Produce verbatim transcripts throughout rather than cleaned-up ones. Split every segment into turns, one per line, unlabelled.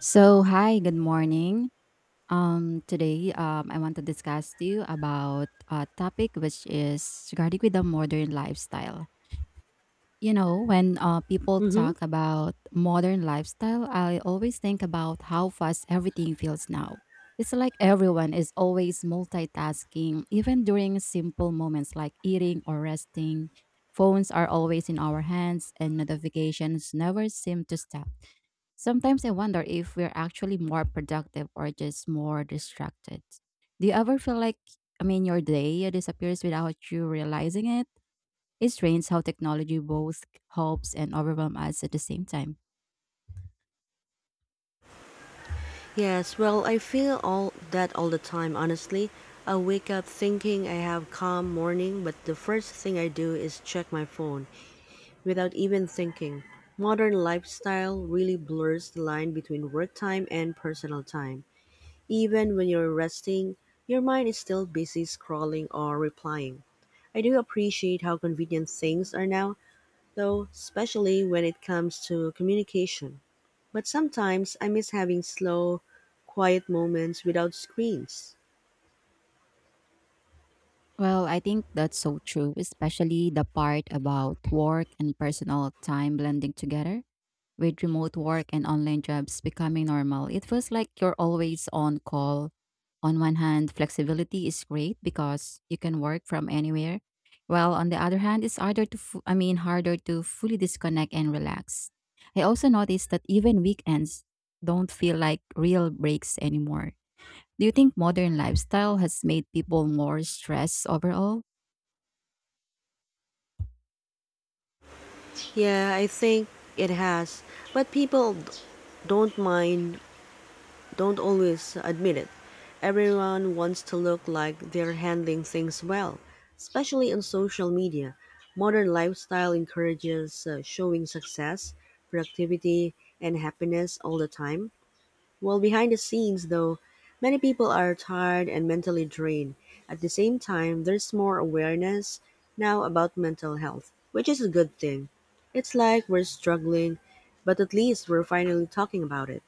So, hi, good morning. Um, today, um, I want to discuss to you about a topic which is regarding with the modern lifestyle. You know, when uh, people
Mm-hmm.
talk about modern lifestyle, I always think about how fast everything feels now. It's like everyone is always multitasking, even during simple moments like eating or resting. Phones are always in our hands, and notifications never seem to stop. Sometimes I wonder if we're actually more productive or just more distracted. Do you ever feel like, I mean, your day disappears without you realizing it? It's strange how technology both helps and overwhelms us at the same time.
Yes, well, I feel all that all the time, honestly. I wake up thinking I have calm morning, but the first thing I do is check my phone without even thinking. Modern lifestyle really blurs the line between work time and personal time. Even when you're resting, your mind is still busy scrolling or replying. I do appreciate how convenient things are now, though, especially when it comes to communication. But sometimes I miss having slow, quiet moments without screens.
Well, I think that's so true, especially the part about work and personal time blending together. With remote work and online jobs becoming normal, it feels like you're always on call. On one hand, flexibility is great because you can work from anywhere. While on the other hand, it's harder to fu- I mean harder to fully disconnect and relax. I also noticed that even weekends don't feel like real breaks anymore. Do you think modern lifestyle has made people more stressed overall?
Yeah, I think it has. But people d- don't mind, don't always admit it. Everyone wants to look like they're handling things well, especially on social media. Modern lifestyle encourages uh, showing success, productivity, and happiness all the time. Well, behind the scenes, though, many people are tired and mentally drained. At the same time, there's more awareness now about mental health, which is a good thing. It's like we're struggling, but at least we're finally talking about it.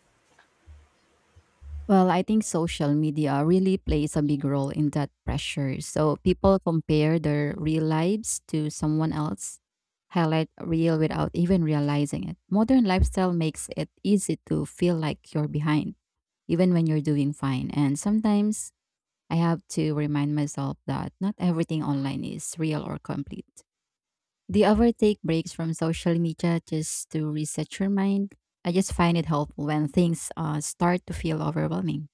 Well, I think social media really plays a big role in that pressure. So people compare their real lives to someone else, highlight real without even realizing it. Modern lifestyle makes it easy to feel like you're behind, even when you're doing fine. And sometimes I have to remind myself that not everything online is real or complete. Do you ever take breaks from social media just to reset your mind? I just find it helpful when things uh, start to feel overwhelming.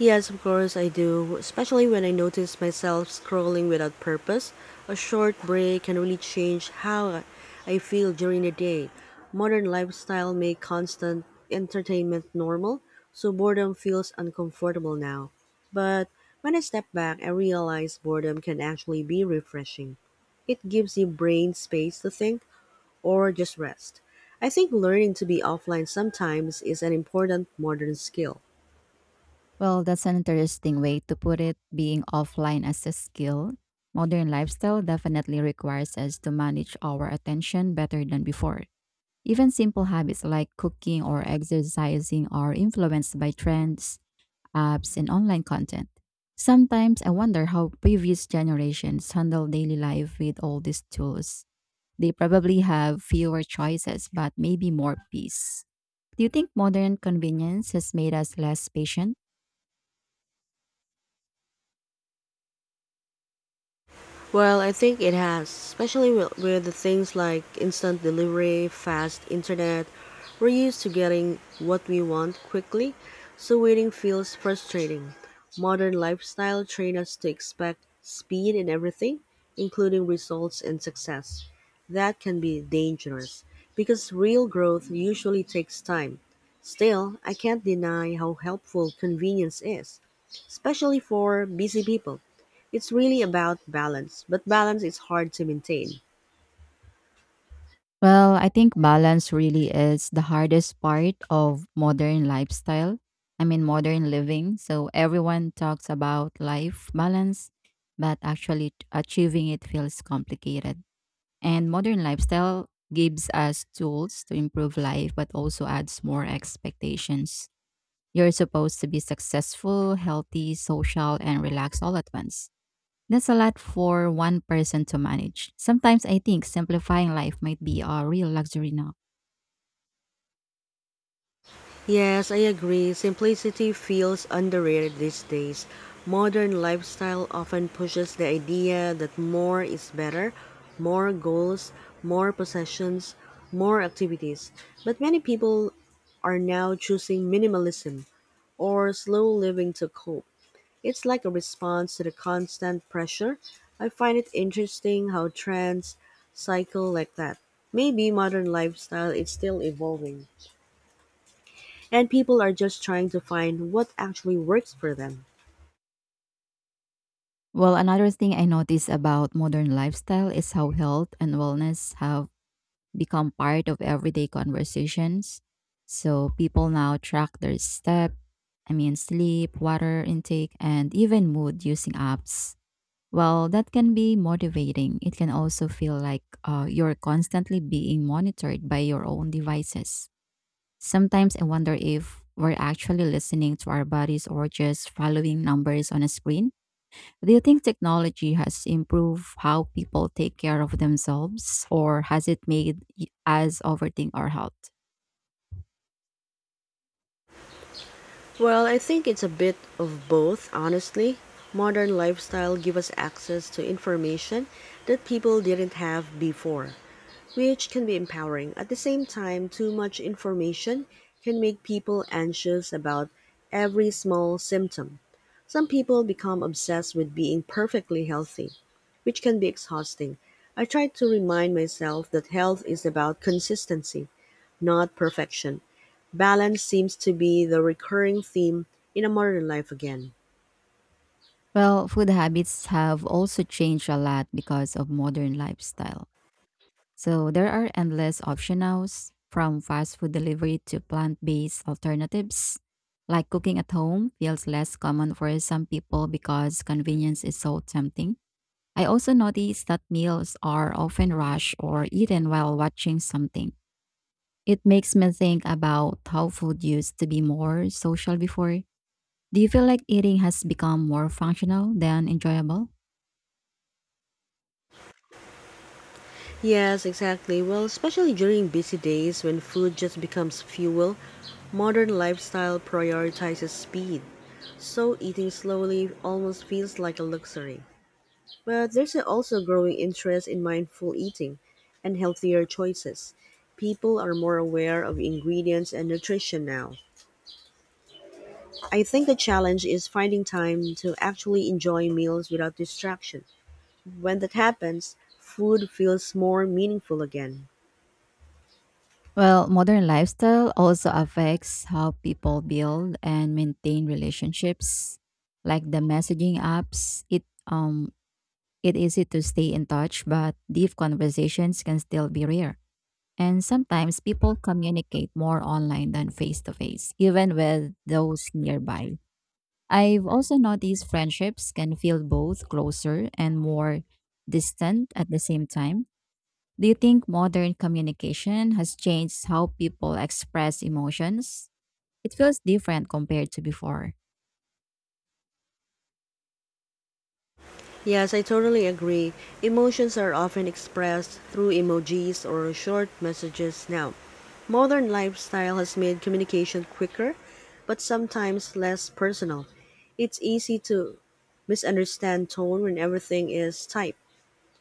Yes, of course I do, especially when I notice myself scrolling without purpose. A short break can really change how I feel during the day. Modern lifestyle make constant entertainment normal, so boredom feels uncomfortable now. But when I step back, I realize boredom can actually be refreshing. It gives your brain space to think or just rest. I think learning to be offline sometimes is an important modern skill.
Well, that's an interesting way to put it. Being offline as a skill. Modern lifestyle definitely requires us to manage our attention better than before. Even simple habits like cooking or exercising are influenced by trends, apps, and online content. Sometimes I wonder how previous generations handle daily life with all these tools. They probably have fewer choices, but maybe more peace. Do you think modern convenience has made us less patient?
Well, I think it has, especially with, with the things like instant delivery, fast internet. We're used to getting what we want quickly, so waiting feels frustrating. Modern lifestyle train us to expect speed in everything, including results and success. That can be dangerous because real growth usually takes time. Still, I can't deny how helpful convenience is especially for busy people. It's really about balance, but balance is hard to maintain.
Well, I think balance really is the hardest part of modern lifestyle. I mean, modern living. So everyone talks about life balance, but actually t- achieving it feels complicated. And modern lifestyle gives us tools to improve life, but also adds more expectations. You're supposed to be successful, healthy, social, and relaxed all at once. That's a lot for one person to manage. Sometimes I think simplifying life might be a real luxury now.
Yes, I agree. Simplicity feels underrated these days. Modern lifestyle often pushes the idea that more is better, more goals, more possessions, more activities. But many people are now choosing minimalism or slow living to cope. It's like a response to the constant pressure. I find it interesting how trends cycle like that. Maybe modern lifestyle is still evolving, and people are just trying to find what actually works for them.
Well, another thing I notice about modern lifestyle is how health and wellness have become part of everyday conversations. So people now track their step, I mean, sleep, water intake, and even mood using apps. Well, that can be motivating. It can also feel like uh, you're constantly being monitored by your own devices. Sometimes I wonder if we're actually listening to our bodies or just following numbers on a screen. Do you think technology has improved how people take care of themselves, or has it made y- us overthink our health?
Well, I think it's a bit of both, honestly. Modern lifestyle give us access to information that people didn't have before, which can be empowering. At the same time, too much information can make people anxious about every small symptom. Some people become obsessed with being perfectly healthy, which can be exhausting. I try to remind myself that health is about consistency, not perfection. Balance seems to be the recurring theme in a modern life again.
Well, food habits have also changed a lot because of modern lifestyle. So there are endless options now, from fast food delivery to plant-based alternatives. Like cooking at home feels less common for some people because convenience is so tempting. I also noticed that meals are often rushed or eaten while watching something. It makes me think about how food used to be more social before. Do you feel like eating has become more functional than enjoyable?
Yes, exactly. Well, especially during busy days when food just becomes fuel, modern lifestyle prioritizes speed. So eating slowly almost feels like a luxury. But there's also growing interest in mindful eating and healthier choices. People are more aware of ingredients and nutrition now. I think the challenge is finding time to actually enjoy meals without distraction. When that happens, food feels more meaningful again.
Well, modern lifestyle also affects how people build and maintain relationships. Like the messaging apps, it um it easy to stay in touch, but deep conversations can still be rare. And sometimes people communicate more online than face to face, even with those nearby. I've also noticed friendships can feel both closer and more distant at the same time. Do you think modern communication has changed how people express emotions? It feels different compared to before.
Yes, I totally agree. Emotions are often expressed through emojis or short messages now. Modern lifestyle has made communication quicker, but sometimes less personal. It's easy to misunderstand tone when everything is typed.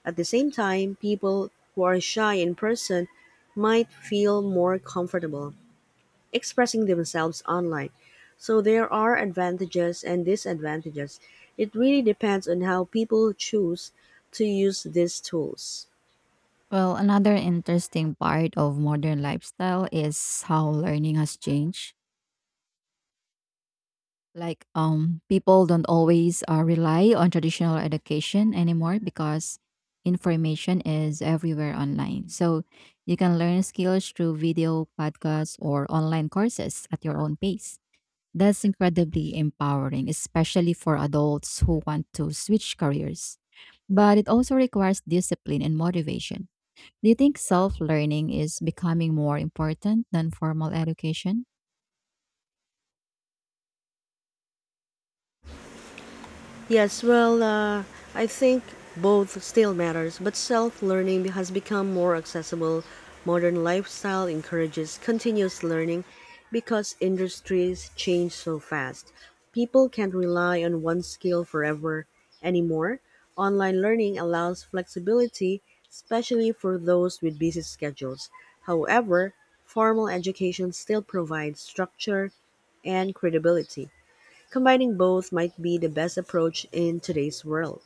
At the same time, people who are shy in person might feel more comfortable expressing themselves online. So there are advantages and disadvantages. It really depends on how people choose to use these tools.
Well, another interesting part of modern lifestyle is how learning has changed. Like um people don't always uh, rely on traditional education anymore, because information is everywhere online. So you can learn skills through video podcasts or online courses at your own pace. That's incredibly empowering, especially for adults who want to switch careers, but it also requires discipline and motivation. Do you think self-learning is becoming more important than formal education?
Yes, well, uh, I think both still matters, but self-learning has become more accessible. Modern lifestyle encourages continuous learning because industries change so fast. People can't rely on one skill forever anymore. Online learning allows flexibility, especially for those with busy schedules. However, formal education still provides structure and credibility. Combining both might be the best approach in today's world.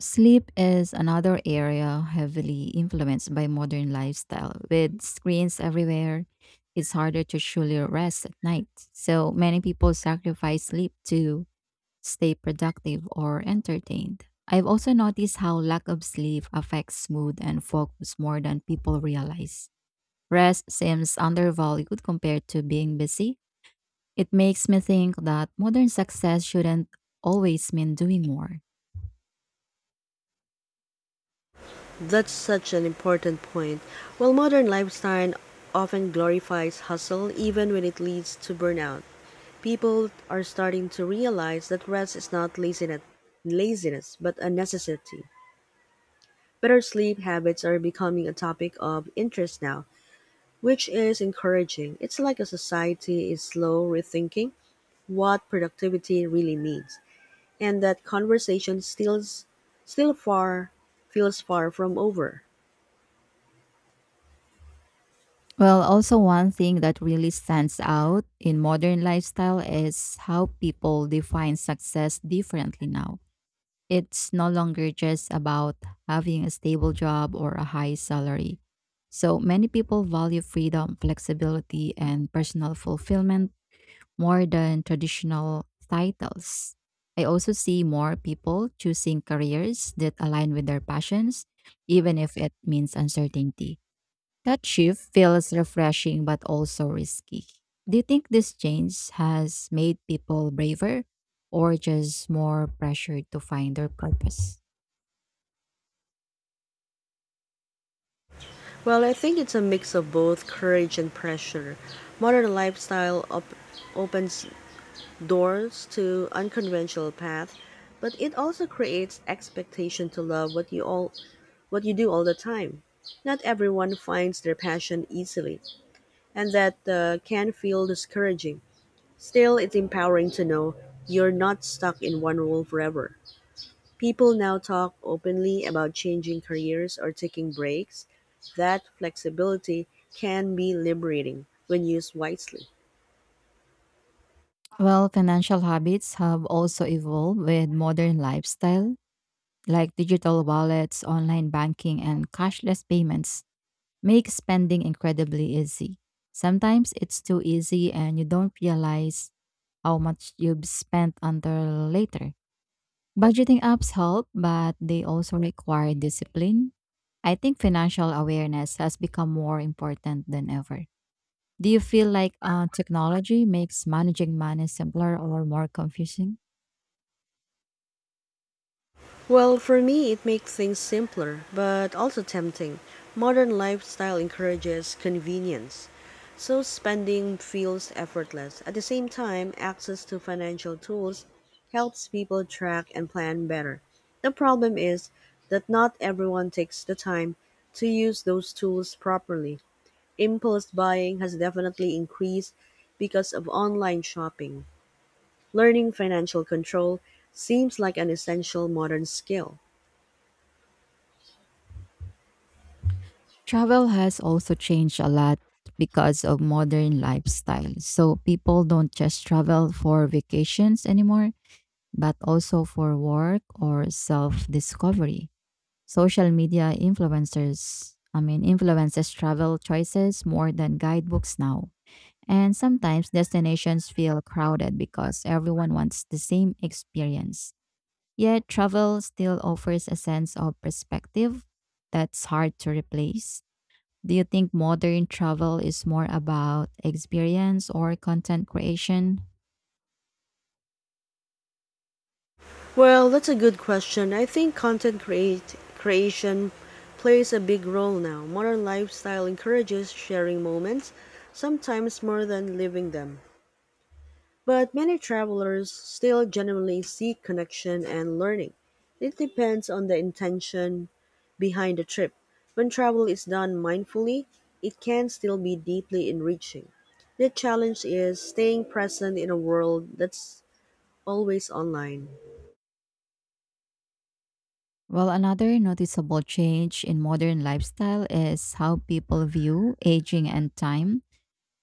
Sleep is another area heavily influenced by modern lifestyle. With screens everywhere, it's harder to truly rest at night. So many people sacrifice sleep to stay productive or entertained. I've also noticed how lack of sleep affects mood and focus more than people realize. Rest seems undervalued compared to being busy. It makes me think that modern success shouldn't always mean doing more.
That's such an important point. While modern lifestyle often glorifies hustle, even when it leads to burnout, people are starting to realize that rest is not laziness, laziness but a necessity. Better sleep habits are becoming a topic of interest now, which is encouraging. It's like a society is slow rethinking what productivity really means, and that conversation still still far feels far from over.
Well, also, one thing that really stands out in modern lifestyle is how people define success differently now. It's no longer just about having a stable job or a high salary. So, many people value freedom, flexibility, and personal fulfillment more than traditional titles. I also see more people choosing careers that align with their passions, even if it means uncertainty. That shift feels refreshing but also risky. Do you think this change has made people braver or just more pressured to find their purpose?
Well, I think it's a mix of both courage and pressure. Modern lifestyle op- opens doors to unconventional paths, but it also creates expectation to love what you all what you do all the time. Not everyone finds their passion easily, and that uh, can feel discouraging. Still, it's empowering to know you're not stuck in one role forever. People now talk openly about changing careers or taking breaks. That flexibility can be liberating when used wisely.
Well, financial habits have also evolved with modern lifestyle, like digital wallets, online banking, and cashless payments make spending incredibly easy. Sometimes it's too easy and you don't realize how much you've spent until later. Budgeting apps help, but they also require discipline. I think financial awareness has become more important than ever. Do you feel like uh, technology makes managing money simpler or more confusing?
Well, for me, it makes things simpler, but also tempting. Modern lifestyle encourages convenience, so spending feels effortless. At the same time, access to financial tools helps people track and plan better. The problem is that not everyone takes the time to use those tools properly. Impulse buying has definitely increased because of online shopping. Learning financial control seems like an essential modern skill.
Travel has also changed a lot because of modern lifestyle. So people don't just travel for vacations anymore, but also for work or self discovery. Social media influencers, I mean, influences travel choices more than guidebooks now. And sometimes destinations feel crowded because everyone wants the same experience. Yet travel still offers a sense of perspective that's hard to replace. Do you think modern travel is more about experience or content creation?
Well, that's a good question. I think content create, creation plays a big role now. Modern lifestyle encourages sharing moments, sometimes more than living them. But many travelers still genuinely seek connection and learning. It depends on the intention behind the trip. When travel is done mindfully, it can still be deeply enriching. The challenge is staying present in a world that's always online.
Well, another noticeable change in modern lifestyle is how people view aging and time.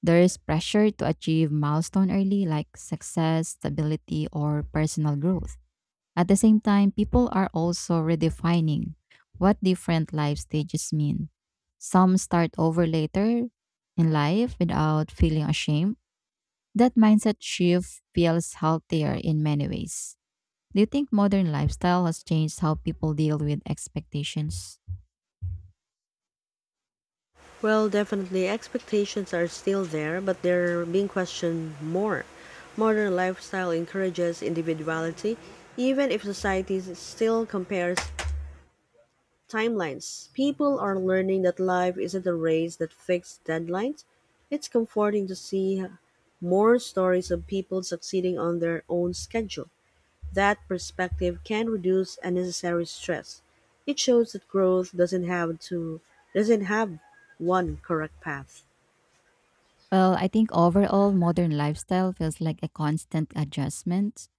There is pressure to achieve milestone early like success, stability, or personal growth. At the same time, people are also redefining what different life stages mean. Some start over later in life without feeling ashamed. That mindset shift feels healthier in many ways. Do you think modern lifestyle has changed how people deal with expectations?
Well, definitely, expectations are still there, but they're being questioned more. Modern lifestyle encourages individuality, even if society still compares timelines. People are learning that life isn't a race that fixed deadlines. It's comforting to see more stories of people succeeding on their own schedule. That perspective can reduce unnecessary stress. It shows that growth doesn't have to doesn't have one correct path.
Well, I think overall, modern lifestyle feels like a constant adjustment.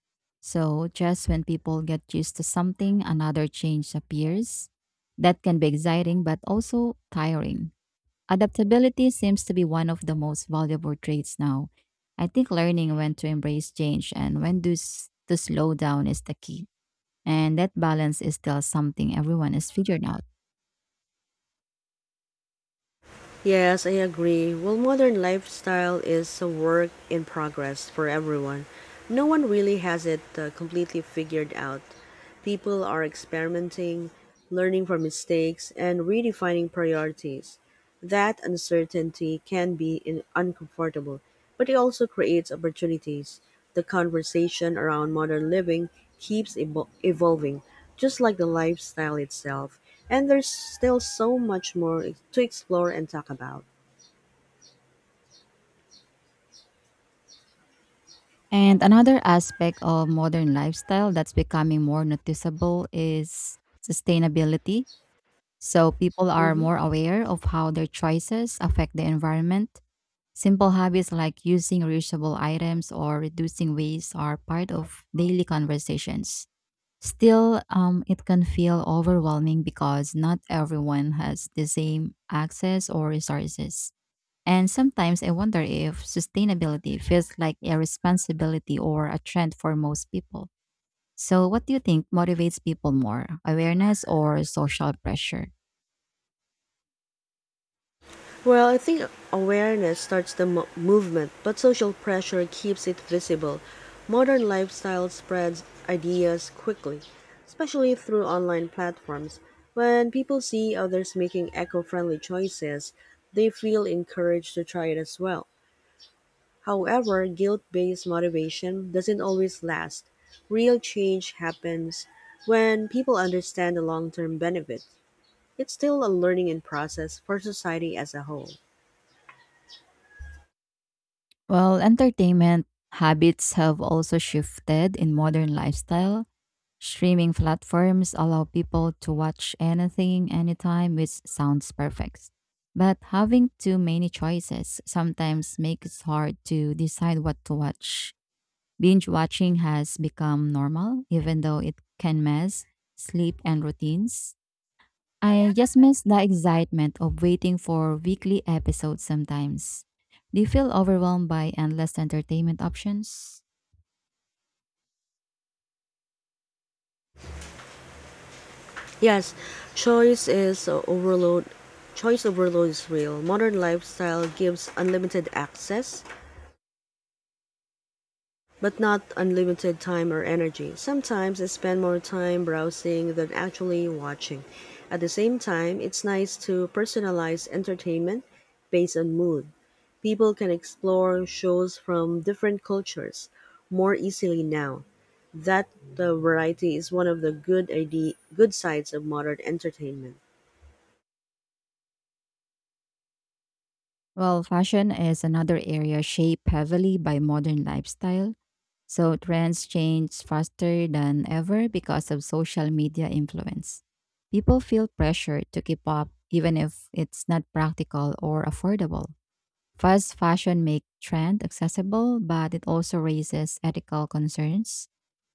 So, just when people get used to something, another change appears. That can be exciting, but also tiring. Adaptability seems to be one of the most valuable traits now. I think learning when to embrace change and when to, s- to slow down is the key. And that balance is still something everyone is figuring out.
Yes, I agree. Well, modern lifestyle is a work in progress for everyone. No one really has it uh, completely figured out. People are experimenting, learning from mistakes, and redefining priorities. That uncertainty can be in- uncomfortable, but it also creates opportunities. The conversation around modern living keeps evol- evolving, just like the lifestyle itself, and there's still so much more to explore and talk about.
And another aspect of modern lifestyle that's becoming more noticeable is sustainability. So people are
Mhm.
more aware of how their choices affect the environment. Simple habits like using reusable items or reducing waste are part of daily conversations. Still, um, it can feel overwhelming because not everyone has the same access or resources. And sometimes I wonder if sustainability feels like a responsibility or a trend for most people. So, what do you think motivates people more, awareness or social pressure?
Well, I think awareness starts the mo- movement, but social pressure keeps it visible. Modern lifestyle spreads ideas quickly, especially through online platforms. When people see others making eco friendly choices, they feel encouraged to try it as well. However, guilt based motivation doesn't always last. Real change happens when people understand the long term benefits. It's still a learning and process for society as a whole.
Well, entertainment habits have also shifted in modern lifestyle. Streaming platforms allow people to watch anything, anytime, which sounds perfect. But having too many choices sometimes makes it hard to decide what to watch. Binge watching has become normal, even though it can mess sleep and routines. I just miss the excitement of waiting for weekly episodes sometimes. Do you feel overwhelmed by endless entertainment options?
Yes, choice is uh, overload. Choice overload is real. Modern lifestyle gives unlimited access, but not unlimited time or energy. Sometimes I spend more time browsing than actually watching. At the same time, it's nice to personalize entertainment based on mood. People can explore shows from different cultures more easily now. That the variety is one of the good idea, good sides of modern entertainment.
Well, fashion is another area shaped heavily by modern lifestyle. So trends change faster than ever because of social media influence. People feel pressure to keep up even if it's not practical or affordable. Fast fashion makes trend accessible, but it also raises ethical concerns.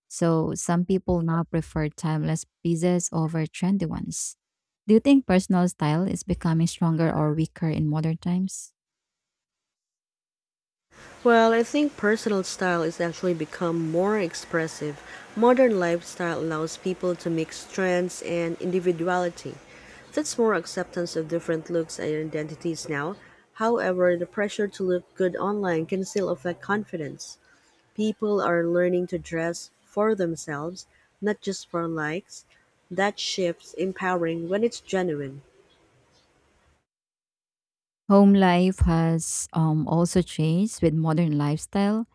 So some people now prefer timeless pieces over trendy ones. Do you think personal style is becoming stronger or weaker in modern times?
Well, I think personal style is actually become more expressive. Modern lifestyle allows people to mix trends and individuality. That's more acceptance of different looks and identities now. However, the pressure to look good online can still affect confidence. People are learning to dress for themselves, not just for likes. That shifts empowering when it's genuine.
Home life has um, also changed with modern lifestyle.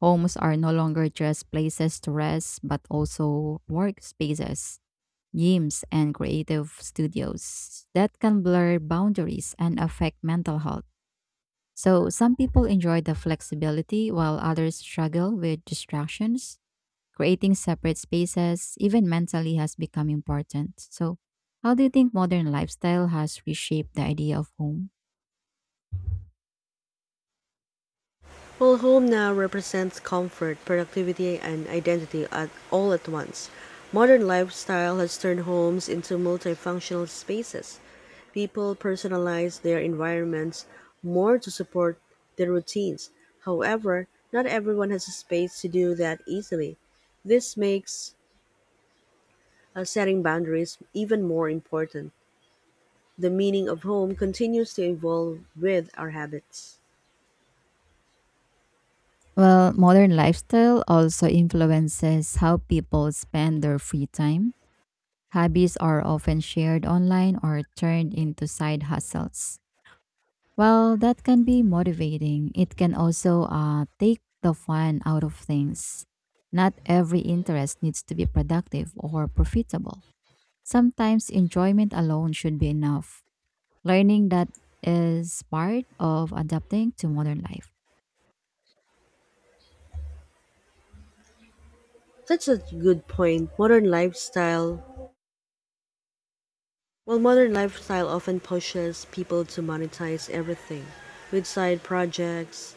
Homes are no longer just places to rest, but also workspaces, gyms, and creative studios that can blur boundaries and affect mental health. So, some people enjoy the flexibility while others struggle with distractions. Creating separate spaces, even mentally, has become important. So, how do you think modern lifestyle has reshaped the idea of home?
Well, home now represents comfort, productivity, and identity at all at once. Modern lifestyle has turned homes into multifunctional spaces. People personalize their environments more to support their routines. However, not everyone has a space to do that easily. This makes uh, setting boundaries even more important. The meaning of home continues to evolve with our habits.
Well, modern lifestyle also influences how people spend their free time. Hobbies are often shared online or turned into side hustles. Well, that can be motivating. It can also uh, take the fun out of things. Not every interest needs to be productive or profitable. Sometimes enjoyment alone should be enough. Learning that is part of adapting to modern life.
That's a good point. Modern lifestyle While modern lifestyle often pushes people to monetize everything, with side projects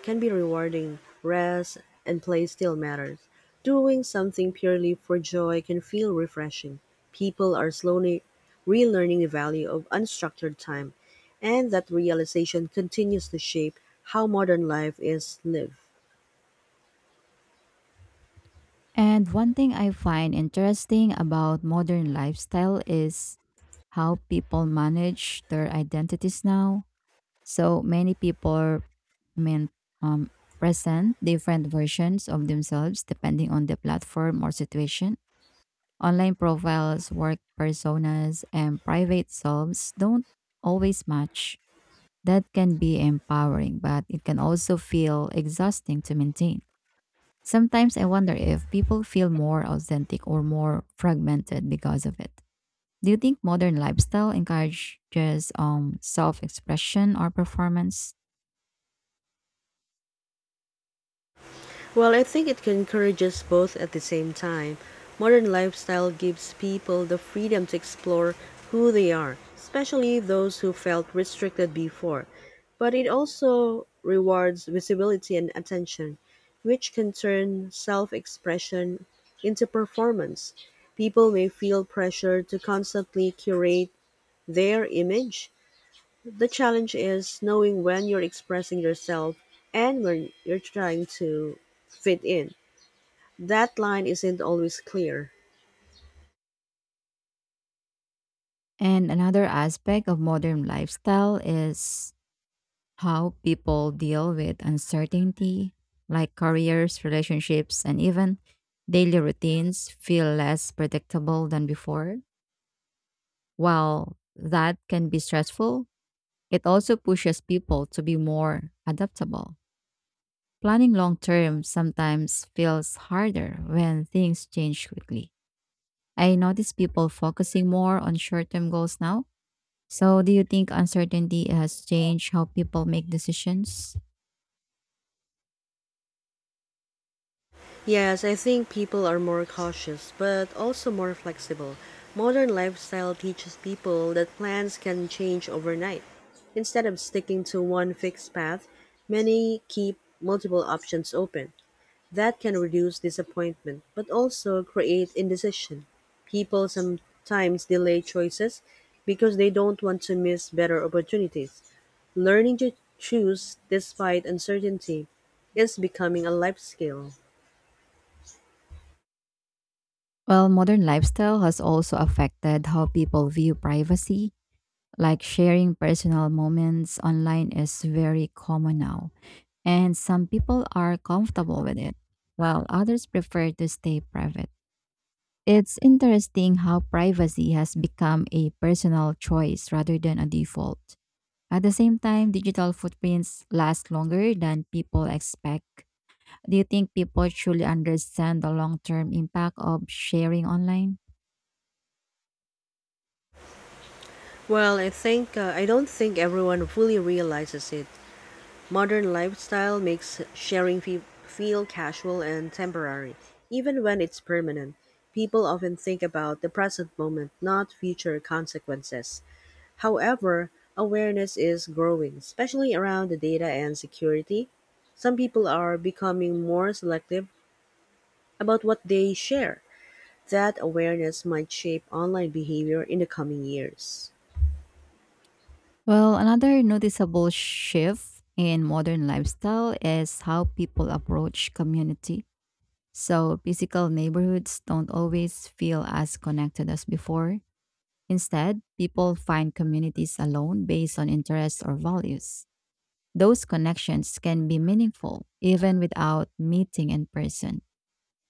can be rewarding, rest and play still matters. Doing something purely for joy can feel refreshing. People are slowly relearning the value of unstructured time, and that realization continues to shape how modern life is lived.
And one thing I find interesting about modern lifestyle is how people manage their identities now. So many people, I mean, um, present different versions of themselves depending on the platform or situation. Online profiles, work personas, and private selves don't always match. That can be empowering, but it can also feel exhausting to maintain. Sometimes I wonder if people feel more authentic or more fragmented because of it. Do you think modern lifestyle encourages um self-expression or performance?
Well, I think it can encourage us both at the same time. Modern lifestyle gives people the freedom to explore who they are, especially those who felt restricted before. But it also rewards visibility and attention, which can turn self expression into performance. People may feel pressure to constantly curate their image. The challenge is knowing when you're expressing yourself and when you're trying to fit in. That line isn't always clear.
And another aspect of modern lifestyle is how people deal with uncertainty, like careers, relationships, and even daily routines feel less predictable than before. While that can be stressful, it also pushes people to be more adaptable. Planning long term sometimes feels harder when things change quickly. I notice people focusing more on short term goals now. So, do you think uncertainty has changed how people make decisions?
Yes, I think people are more cautious, but also more flexible. Modern lifestyle teaches people that plans can change overnight. Instead of sticking to one fixed path, many keep multiple options open. That can reduce disappointment, but also create indecision. People sometimes delay choices because they don't want to miss better opportunities. Learning to choose despite uncertainty is becoming a life skill.
Well, modern lifestyle has also affected how people view privacy. Like sharing personal moments online is very common now, and some people are comfortable with it, while others prefer to stay private. It's interesting how privacy has become a personal choice rather than a default. At the same time, digital footprints last longer than people expect. Do you think people truly understand the long term impact of sharing online?
Well, I think uh, I don't think everyone fully realizes it. Modern lifestyle makes sharing fe- feel casual and temporary, even when it's permanent. People often think about the present moment, not future consequences. However, awareness is growing, especially around the data and security. Some people are becoming more selective about what they share that awareness might shape online behavior in the coming years?
Well, another noticeable shift in modern lifestyle is how people approach community. So, physical neighborhoods don't always feel as connected as before. Instead, people find communities alone based on interests or values. Those connections can be meaningful even without meeting in person,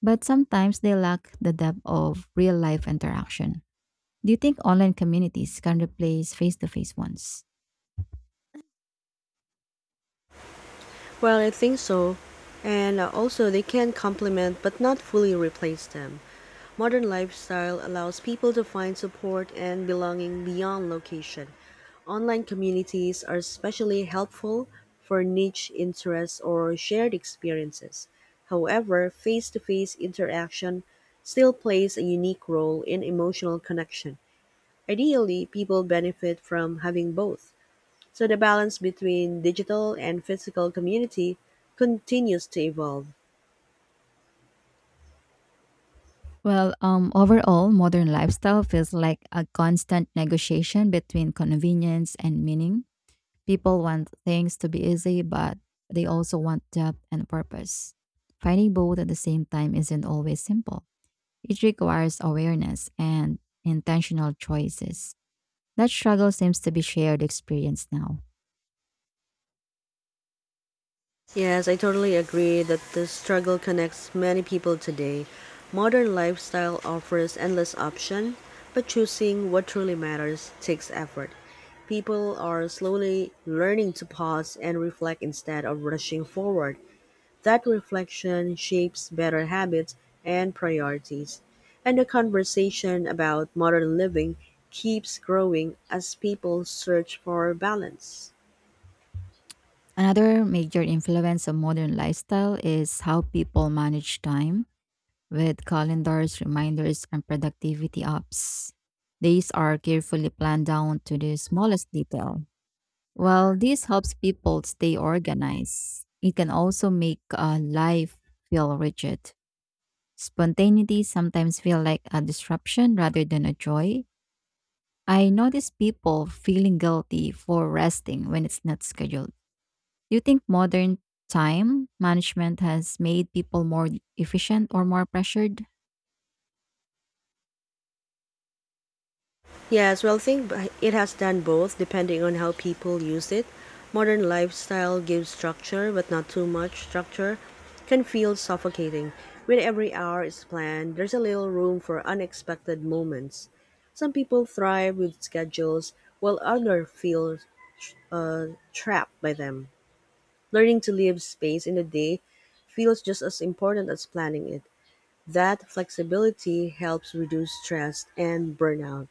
but sometimes they lack the depth of real life interaction. Do you think online communities can replace face to face ones?
Well, I think so. And uh, also, they can complement but not fully replace them. Modern lifestyle allows people to find support and belonging beyond location. Online communities are especially helpful for niche interests or shared experiences. However, face to face interaction still plays a unique role in emotional connection. Ideally, people benefit from having both. So the balance between digital and physical community continues to evolve.
Well, um, overall, modern lifestyle feels like a constant negotiation between convenience and meaning. People want things to be easy, but they also want depth and purpose. Finding both at the same time isn't always simple. It requires awareness and intentional choices. That struggle seems to be shared experience now.
Yes, I totally agree that the struggle connects many people today. Modern lifestyle offers endless option, but choosing what truly matters takes effort. People are slowly learning to pause and reflect instead of rushing forward. That reflection shapes better habits and priorities, and the conversation about modern living keeps growing as people search for balance.
Another major influence of modern lifestyle is how people manage time with calendars, reminders, and productivity apps. Days are carefully planned down to the smallest detail. While this helps people stay organized, it can also make uh, life feel rigid. Spontaneity sometimes feels like a disruption rather than a joy. I notice people feeling guilty for resting when it's not scheduled. Do you think modern time management has made people more efficient or more pressured?
Yes, well, I think b- it has done both depending on how people use it. Modern lifestyle gives structure, but not too much structure, can feel suffocating. When every hour is planned, there's a little room for unexpected moments. Some people thrive with schedules, while others feel uh, trapped by them. Learning to leave space in the day feels just as important as planning it. That flexibility helps reduce stress and burnout.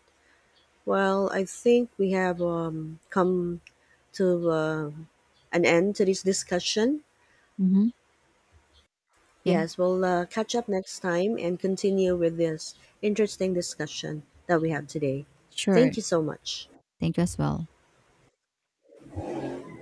Well, I think we have um, come to uh, an end to this discussion.
Mm-hmm. Yeah,
Yes, we'll uh, catch up next time and continue with this interesting discussion that we have today.
sure.
Thank you so much.
Thank you as well.